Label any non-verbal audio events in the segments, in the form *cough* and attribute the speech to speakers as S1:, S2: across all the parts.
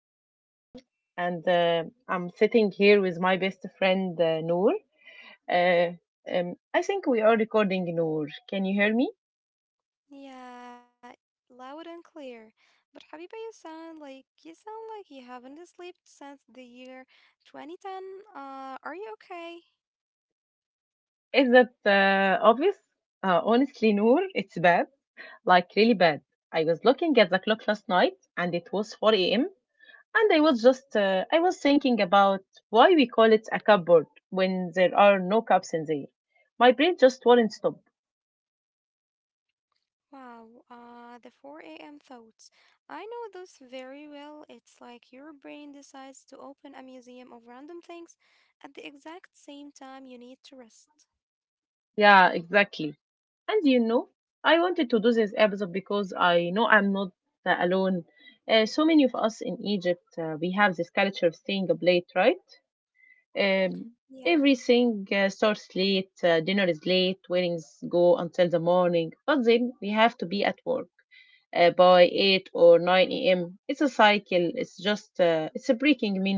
S1: And I'm sitting here with my best friend Noor. Uh, I think we are recording Noor. Can you hear me?
S2: Yeah, loud and clear. But حبيبي, you sound like you haven't slept since the year 2010. Are you okay?
S1: Is that obvious? Honestly, Noor, it's bad. Like, really bad. I was looking at the clock last night and it was 4 a.m. And I was just, I was thinking about why we call it a cupboard when there are no cups in there. My brain just won't stop.
S2: Wow, the 4 a.m. thoughts. I know those very well. It's like your brain decides to open a museum of random things at the exact same time you need to rest.
S1: Yeah, exactly. And I wanted to do this episode because I know I'm not alone. So many of us in Egypt, we have this culture of staying up late, right? Um,
S2: Yeah.
S1: Everything starts late, dinner is late, weddings go until the morning, but then we have to be at work by 8 or 9 a.m. It's a cycle. It's just, it's a breaking me.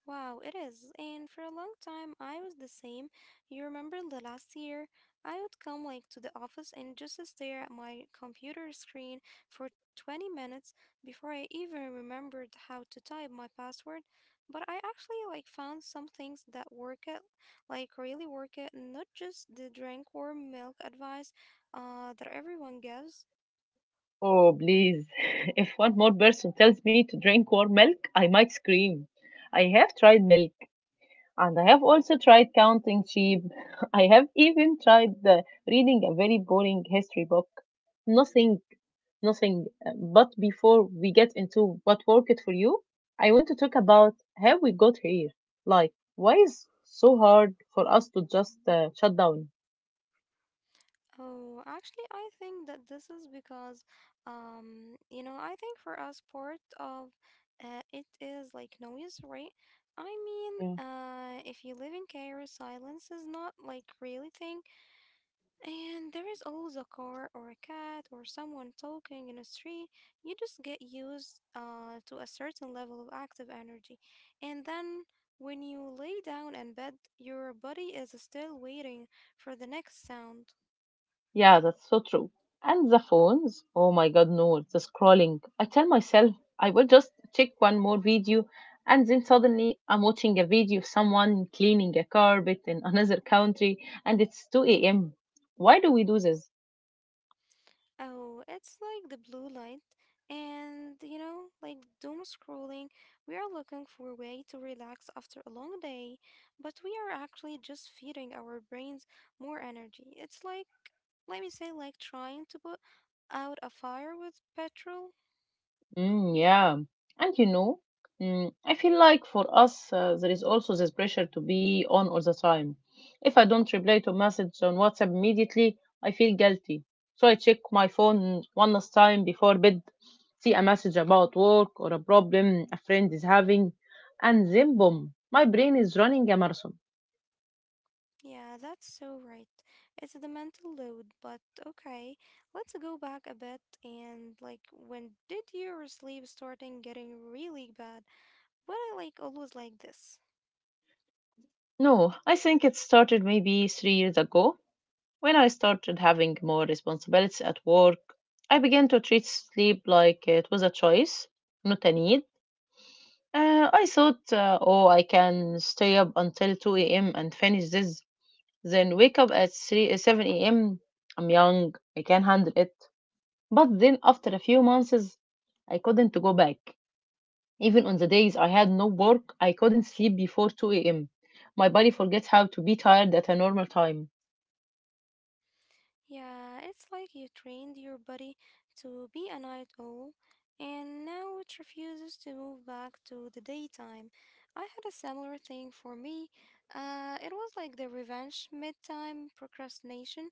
S2: Wow, it is. And for a long time, I was the same. You remember the last year? I would come like to the office and just stare at my computer screen for 20 minutes before I even remembered how to type my password. But I actually like found some things that work it, like really work it, not just the drink warm milk advice that everyone gives.
S1: Oh, please. *laughs* If one more person tells me to drink warm milk, I might scream. I have tried milk, and I have also tried counting sheep. *laughs* I have even tried reading a very boring history book. Nothing, nothing. But before we get into what worked for you, I want to talk about how we got here. Like, why is so hard for us to just shut down?
S2: Oh, actually, I think that this is because, you know, I think for us, part of it is like noise, right? I mean, if you live in Cairo, silence is not like really thing, and there is always a car or a cat or someone talking in a street. You just get used to a certain level of active energy, and then when you lay down in bed, your body is still waiting for the next sound.
S1: Yeah, that's so true. And the phones, oh my god, no, the scrolling. I tell myself I will just check one more video, and then suddenly I'm watching a video of someone cleaning a carpet in *laughs* another country, and it's 2 a.m. Why do we do this?
S2: Oh, it's like the blue light. And, you know, like doom scrolling, we are looking for a way to relax after a long day, but we are actually just feeding our brains more energy. It's like, let me say, like trying to put out a fire with petrol.
S1: Mm, yeah. And I feel like for us, there is also this pressure to be on all the time. If I don't reply to message on WhatsApp immediately, I feel guilty. So I check my phone one last time before bed, see a message about work or a problem a friend is having, and then boom, my brain is running a marathon.
S2: Yeah, that's so right. It's the mental load, but okay, let's go back a bit and like when did your sleep starting getting really bad? Were it like always like this?
S1: No, I think it started maybe 3 years ago when I started having more responsibilities at work. I began to treat sleep like it was a choice, not a need. I thought, oh, I can stay up until 2 a.m. and finish this, then wake up at 7 a.m. I'm young, I can handle it. But then after a few months, I couldn't go back. Even on the days I had no work, I couldn't sleep before 2 a.m. My body forgets how to be tired at a normal time.
S2: Yeah, it's like you trained your body to be a night owl, and now it refuses to move back to the daytime. I had a similar thing for me. It was like the revenge midtime procrastination.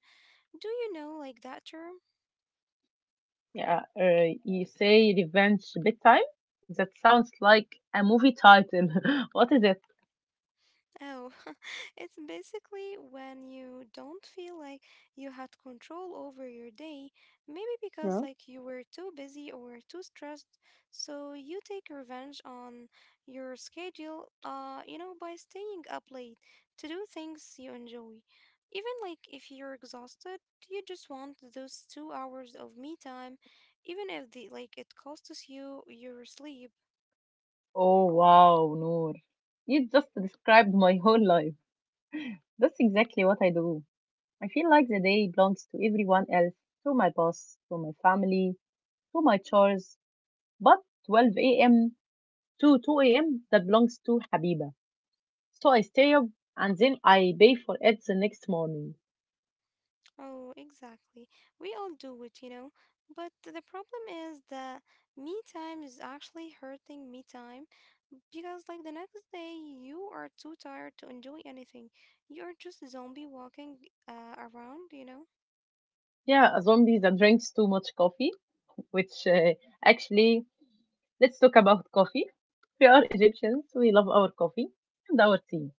S2: Do you know like that term?
S1: Yeah, you say Revenge Bedtime? That sounds like a movie title. *laughs* What is it?
S2: Oh, *laughs* it's basically when you don't feel like you had control over your day, maybe because
S1: Yeah.
S2: like you were too busy or too stressed, so you take revenge on your schedule, you know, by staying up late to do things you enjoy. Even like if you're exhausted, you just want those 2 hours of me time, even if the like it costs you your sleep.
S1: Oh, wow, Noor. You just described my whole life. That's exactly what I do. I feel like the day belongs to everyone else, to my boss, to my family, to my chores. But 12 a.m. to 2 a.m., that belongs to Habiba. So I stay up and then I pay for it the next morning.
S2: Oh, exactly. We all do it, you know. But the problem is that me time is actually hurting me time because, like, the next day you are too tired to enjoy anything. You're just zombie walking around, you know.
S1: Yeah, a zombie that drinks too much coffee, which actually. Let's talk about coffee. We are Egyptians. We love our coffee and our tea.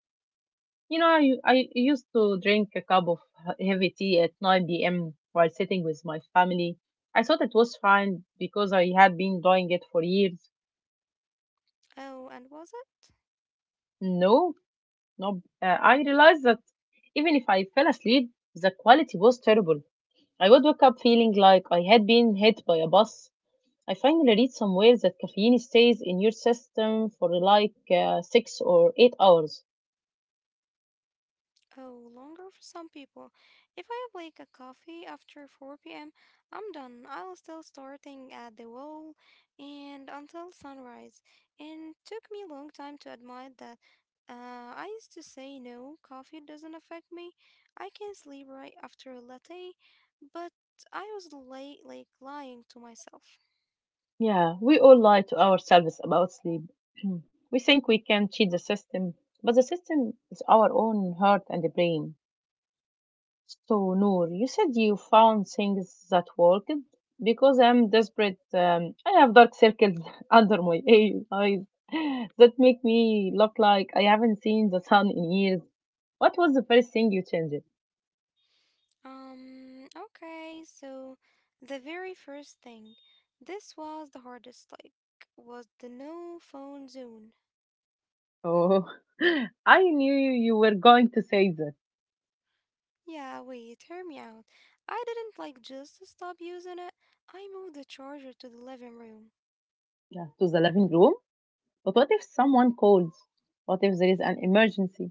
S1: You know, I used to drink a cup of heavy tea at 9 p.m. while sitting with my family. I thought it was fine because I had been doing it for years.
S2: Oh, and was it?
S1: No, no. I realized that even if I fell asleep, the quality was terrible. I would wake up feeling like I had been hit by a bus. I finally read somewhere that caffeine stays in your system for like 6 or 8 hours.
S2: Oh, longer for some people. If I have like a coffee after 4 p.m., I'm done. I'll still starting at the wall and until sunrise. And took me a long time to admit that I used to say no, coffee doesn't affect me. I can sleep right after a latte, but I was late, like lying to myself.
S1: Yeah, we all lie to ourselves about sleep. *clears throat* We think we can cheat the system, but the system is our own heart and brain. So, Noor, you said you found things that worked. Because I'm desperate, I have dark circles *laughs* under my eyes *laughs* that make me look like I haven't seen the sun in years. What was the first thing you changed?
S2: Okay, so the very first thing, this was the hardest, like, was the no phone zone.
S1: Oh, *laughs* I knew you were going to say that.
S2: Yeah, wait, hear me out. I didn't like just stop using it. I moved the charger to the living room.
S1: Yeah, to the living room. But what if someone calls? What if there is an emergency?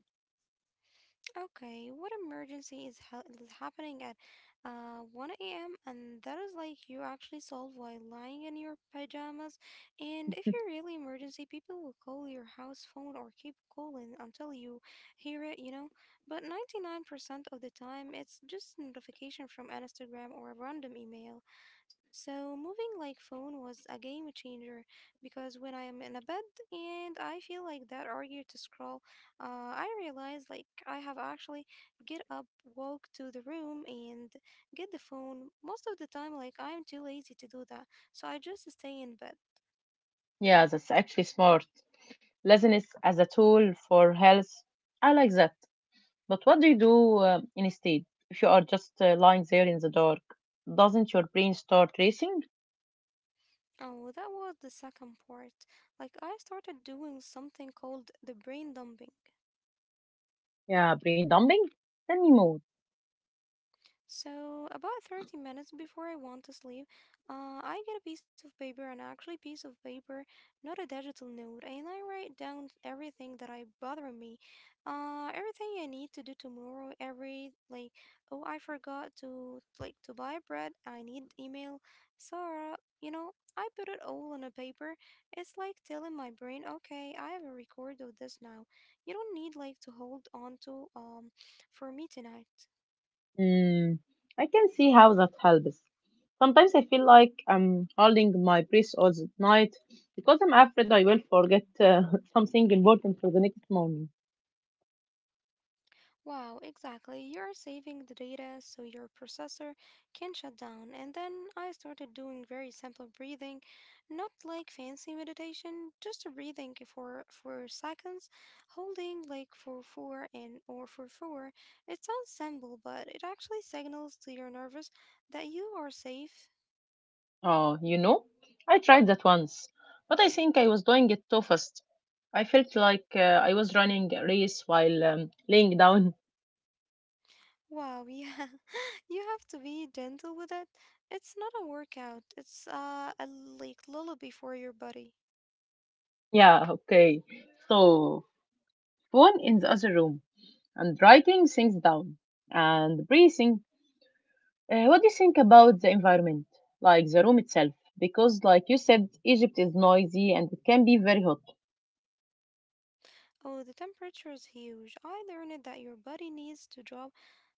S2: Okay, what emergency is is happening at 1 a.m. and that is like you actually solve while lying in your pajamas. And if you're really emergency, people will call your house phone or keep calling until you hear it, you know. But 99% of the time, it's just notification from Instagram or a random email. So moving like phone was a game changer because when I am in a bed and I feel like that urge to scroll I realized like I have actually get up, walk to the room, and get the phone. Most of the time, like I'm too lazy to do that, so I just stay in bed.
S1: Yeah, that's actually smart. Laziness as a tool for health. I like that. But what do you do instead if you are just lying there in the dark? Doesn't your brain start racing?
S2: Oh, that was the second part. Like I started doing something called the brain dumping.
S1: Yeah, brain dumping? Tell me more.
S2: So about 30 minutes before I want to sleep, I get a piece of paper, and actually piece of paper, not a digital note, and I write down everything that I bothering me, everything I need to do tomorrow, every like, oh, I forgot to like to buy bread, I need email, Sarah, you know. I put it all on a paper. It's like telling my brain, okay, I have a record of this now. You don't need like to hold on to for me tonight.
S1: Mm, I can see how that helps. Sometimes I feel like I'm holding my breath all the night because I'm afraid I will forget *laughs* something important for the next morning.
S2: Wow, exactly. You're saving the data so your processor can shut down. And then I started doing very simple breathing, not like fancy meditation, just a breathing for seconds, holding like for four and or for four. It sounds simple, but it actually signals to your nervous that you are safe.
S1: Oh, I tried that once, but I think I was doing it too fast. I felt like I was running a race while laying down. *laughs*
S2: Wow, yeah. *laughs* You have to be gentle with it. It's not a workout. It's a like lullaby for your body.
S1: Yeah, okay. So, phone in the other room and writing things down and breathing. What do you think about the environment, like the room itself? Because, like you said, Egypt is noisy and it can be very hot.
S2: Oh, the temperature is huge. I learned that your body needs to drop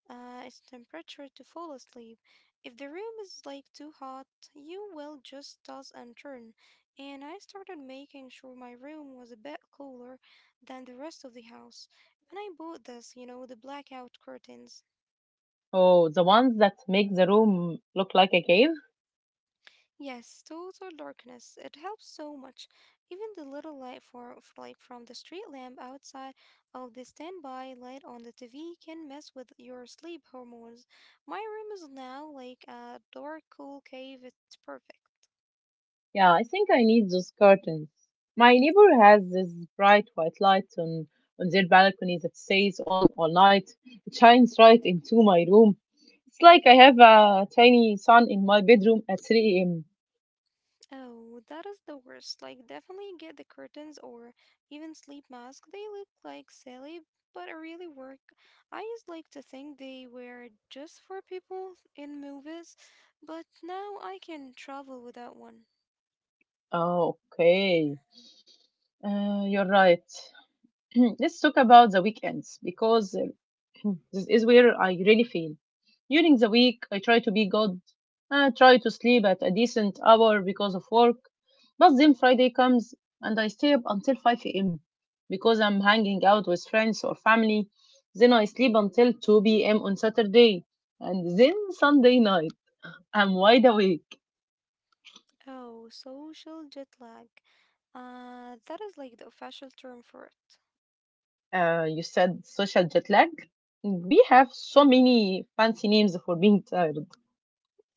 S2: its temperature to fall asleep. If the room is like too hot, you will just toss and turn. And I started making sure my room was a bit cooler than the rest of the house. And I bought this, you know, the blackout curtains.
S1: Oh, the ones that make the room look like a cave?
S2: Yes, total darkness. It helps so much. Even the little light for, like from the street lamp outside of the standby light on the TV can mess with your sleep hormones. My room is now like a dark, cool cave. It's perfect.
S1: Yeah, I think I need those curtains. My neighbor has this bright white light on their balcony that stays on all night. It shines right into my room. It's like I have a tiny sun in my bedroom at 3 a.m.
S2: Oh, that is the worst. Like, definitely get the curtains or even sleep mask. They look like silly, but really work. I used like to think they were just for people in movies, but now I can travel without one.
S1: Oh, okay. You're right. *clears throat* Let's talk about the weekends because *clears throat* this is where I really feel. During the week, I try to be good. I try to sleep at a decent hour because of work. But then Friday comes and I stay up until 5 a.m. because I'm hanging out with friends or family. Then I sleep until 2 p.m. on Saturday. And then Sunday night, I'm wide awake.
S2: Oh, social jet lag. That is like the official term for it.
S1: You said social jet lag? We have so many fancy names for being tired.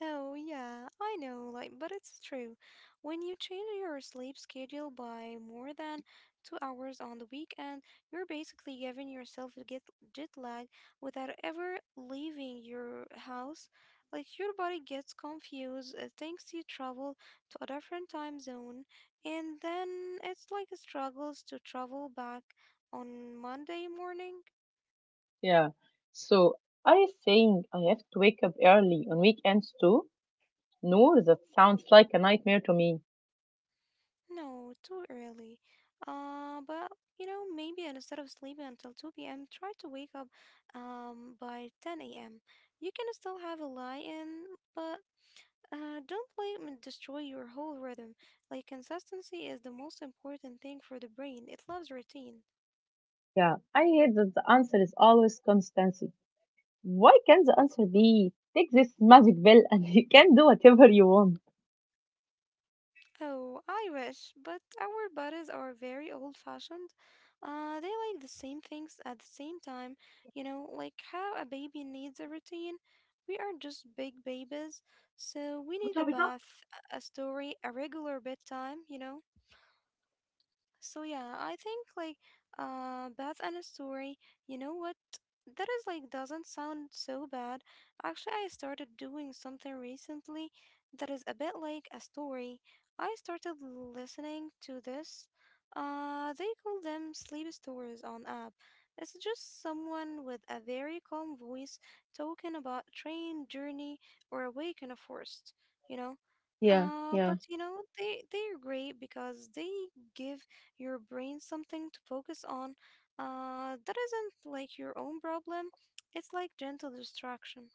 S2: Oh, yeah, I know, like, but it's true. When you change your sleep schedule by more than 2 hours on the weekend, you're basically giving yourself a get jet lag without ever leaving your house. Like, your body gets confused, it thinks you travel to a different time zone, and then it's like it struggles to travel back on Monday morning.
S1: Yeah. So I think I have to wake up early on weekends too. No, that sounds like a nightmare to me.
S2: No, too early. But you know, maybe instead of sleeping until 2 p.m., try to wake up by 10 a.m. You can still have a lie-in, but don't let it destroy your whole rhythm. Like consistency is the most important thing for the brain. It loves routine.
S1: Yeah, I hate that the answer is always constancy. Why can't the answer be take this magic pill and *laughs* you can do whatever you want?
S2: Oh, I wish, but our bodies are very old fashioned. They like the same things at the same time, you know, like how a baby needs a routine. We are just big babies, so we need a bath, a story, a regular bedtime, you know. So yeah, I think like Bath and a story, you know what? That is like doesn't sound so bad. Actually, I started doing something recently that is a bit like a story. I started listening to this. They call them sleep stories on app. It's just someone with a very calm voice talking about train journey or awake in a forest, you know?
S1: Yeah, yeah.
S2: But you know, they are great because they give your brain something to focus on that isn't like your own problem. It's like gentle distraction.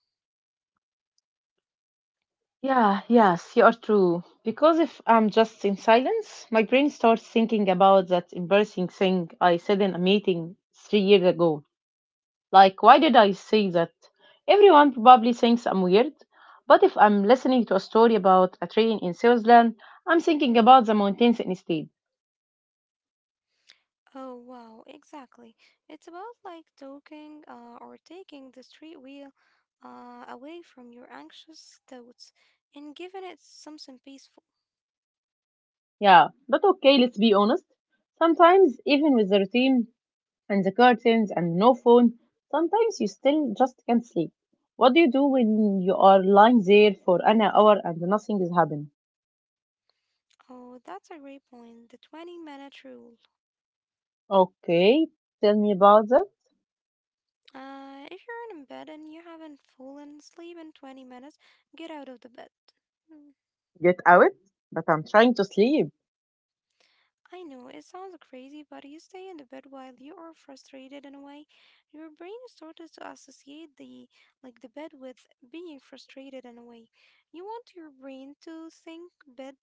S1: Yeah, yes, you are true. Because if I'm just in silence, my brain starts thinking about that embarrassing thing I said in a meeting 3 years ago. Like, why did I say that? Everyone probably thinks I'm weird, but if I'm listening to a story about a train in Switzerland, I'm thinking about the mountains instead.
S2: Oh, wow, exactly. It's about like talking or taking the street wheel away from your anxious thoughts and giving it something peaceful.
S1: Yeah, but okay, let's be honest. Sometimes, even with the routine and the curtains and no phone, sometimes you still just can't sleep. What do you do when you are lying there for an hour and nothing is happening?
S2: Oh, that's a great point. The 20-minute rule.
S1: Okay, tell me about that.
S2: If you're in bed and you haven't fallen asleep in 20 minutes, get out of the bed.
S1: Get out, but I'm trying to sleep.
S2: I know it sounds crazy, but you stay in the bed while you are frustrated in a way. Your brain started to associate the like the bed with being frustrated in a way. You want your brain to think bed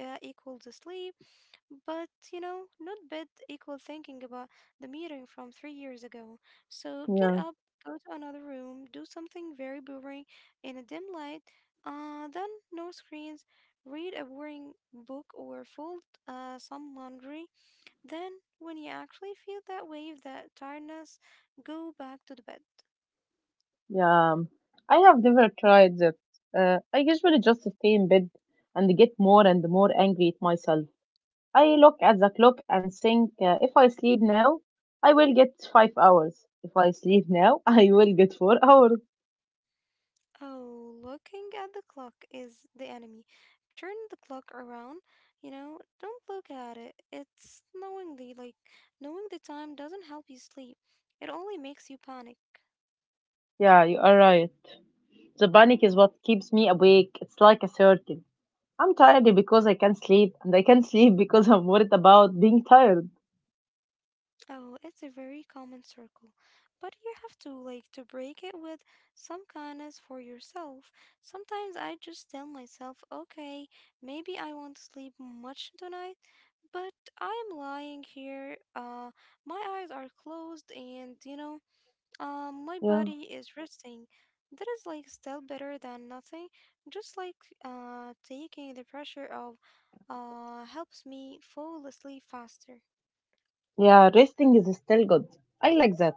S2: equals sleep, but you know, not bad equal thinking about the meeting from 3 years ago. So get
S1: Yeah,
S2: up, go to another room, do something very boring in a dim light, then no screens, read a boring book or fold some laundry. Then, when you actually feel that wave, that tiredness, go back to the bed.
S1: yeah. I have never tried that. I usually just stay in bed and get more and more angry at myself. I look at the clock and think, if I sleep now, I will get 5 hours. If I sleep now, *laughs* I will get 4 hours.
S2: Oh, looking at the clock is the enemy. Turn the clock around, you know, don't look at it. It's knowingly, like, knowing the time doesn't help you sleep. It only makes you panic.
S1: Yeah, you are right. The panic is what keeps me awake. It's like a circle. I'm tired because I can't sleep, and I can't *laughs* sleep because I'm worried about being tired.
S2: Oh, it's a very common circle. But you have to, like, to break it with some kindness for yourself. Sometimes I just tell myself, okay, maybe I won't sleep much tonight, but I'm lying here, my eyes are closed and, you know, my
S1: Yeah.
S2: body is resting. That is like still better than nothing. Just like taking the pressure off helps me fall asleep faster.
S1: Yeah, resting is still good. I like that.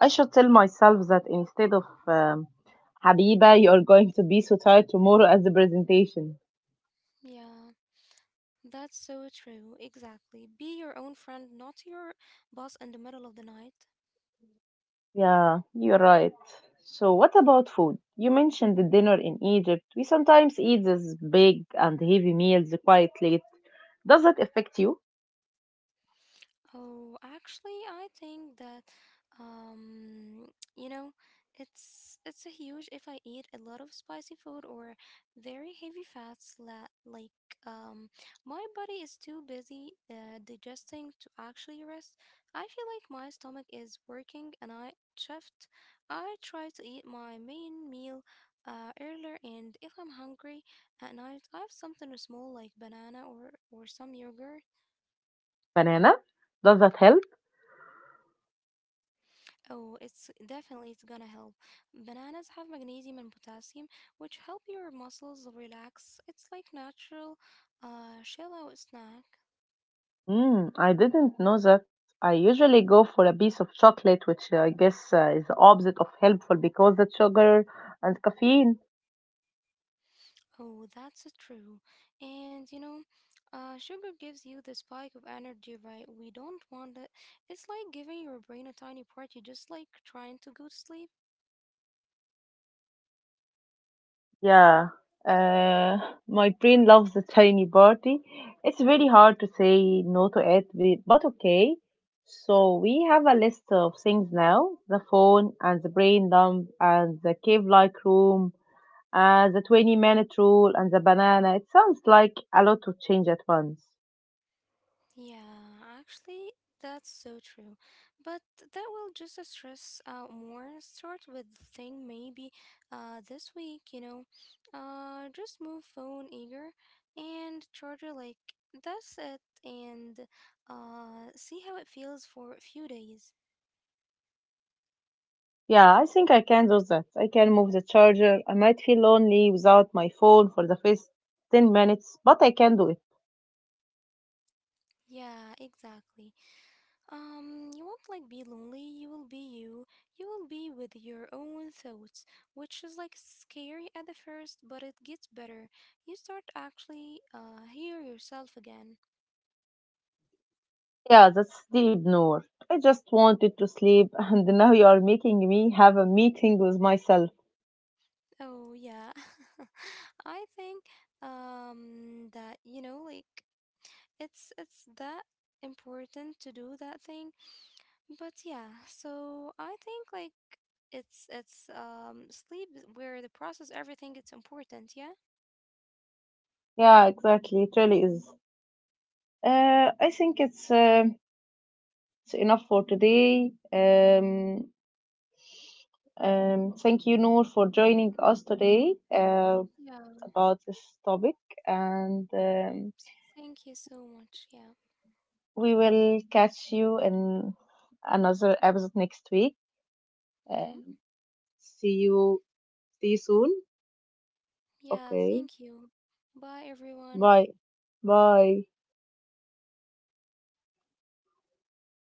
S1: I should tell myself that instead of Habiba, you're going to be so tired tomorrow as the presentation.
S2: Yeah, that's so true. Exactly. Be your own friend, not your boss in the middle of the night.
S1: Yeah, you're right. So, what about food? You mentioned the dinner in Egypt. We sometimes eat these big and heavy meals quite late. Does that affect you?
S2: Oh, actually, I think that um, you know, it's a huge if I eat a lot of spicy food or very heavy fats la like um my body is too busy digesting to actually rest. I feel like my stomach is working and I shift. I try to eat my main meal earlier and if I'm hungry at night, I have something small like banana or some yogurt.
S1: Banana? Does that help?
S2: Oh, it's definitely it's gonna help. Bananas have magnesium and potassium, which help your muscles relax. It's like natural chill out snack.
S1: Mm, I didn't know that. I usually go for a piece of chocolate, which I guess is the opposite of helpful because the sugar and caffeine.
S2: Oh, that's so true. And you know, sugar gives you the spike of energy, right? We don't want it. It's like giving your brain a tiny party, just like trying to go to sleep.
S1: Yeah, uh, my brain loves a tiny party. It's very hard to say no to it, but okay. So we have a list of things now: the phone and the brain dump and the cave-like room and the 20-minute rule and the banana. It sounds like a lot to change at once.
S2: Yeah, actually, that's so true. But that will just stress out more. Start with the thing maybe this week, you know. Just move phone eager and charger like that's it and see how it feels for a few days.
S1: Yeah, I think I can do that. I can move the charger. I might feel lonely without my phone for the first 10 minutes, but I can do it.
S2: Yeah, exactly. You won't like be lonely, you will be you. You will be with your own thoughts, which is like scary at the first, but it gets better. You start actually hear yourself again.
S1: Yeah, that's deep, Noor. I just wanted to sleep, *laughs* and now you are making me have a meeting with myself.
S2: Oh yeah. *laughs* I think that you know like it's that important to do that thing. But yeah, so I think like it's sleep where the process everything it's important,
S1: Yeah, exactly. It really is. I think it's enough for today. Thank you, Noor, for joining us today
S2: yeah?
S1: about this topic, and
S2: Thank you so much. Yeah.
S1: we will catch you in another episode next week.
S2: Mm-hmm.
S1: Um, See you. See you soon.
S2: Yeah.
S1: Okay.
S2: Thank you. Bye, everyone.
S1: Bye. Bye.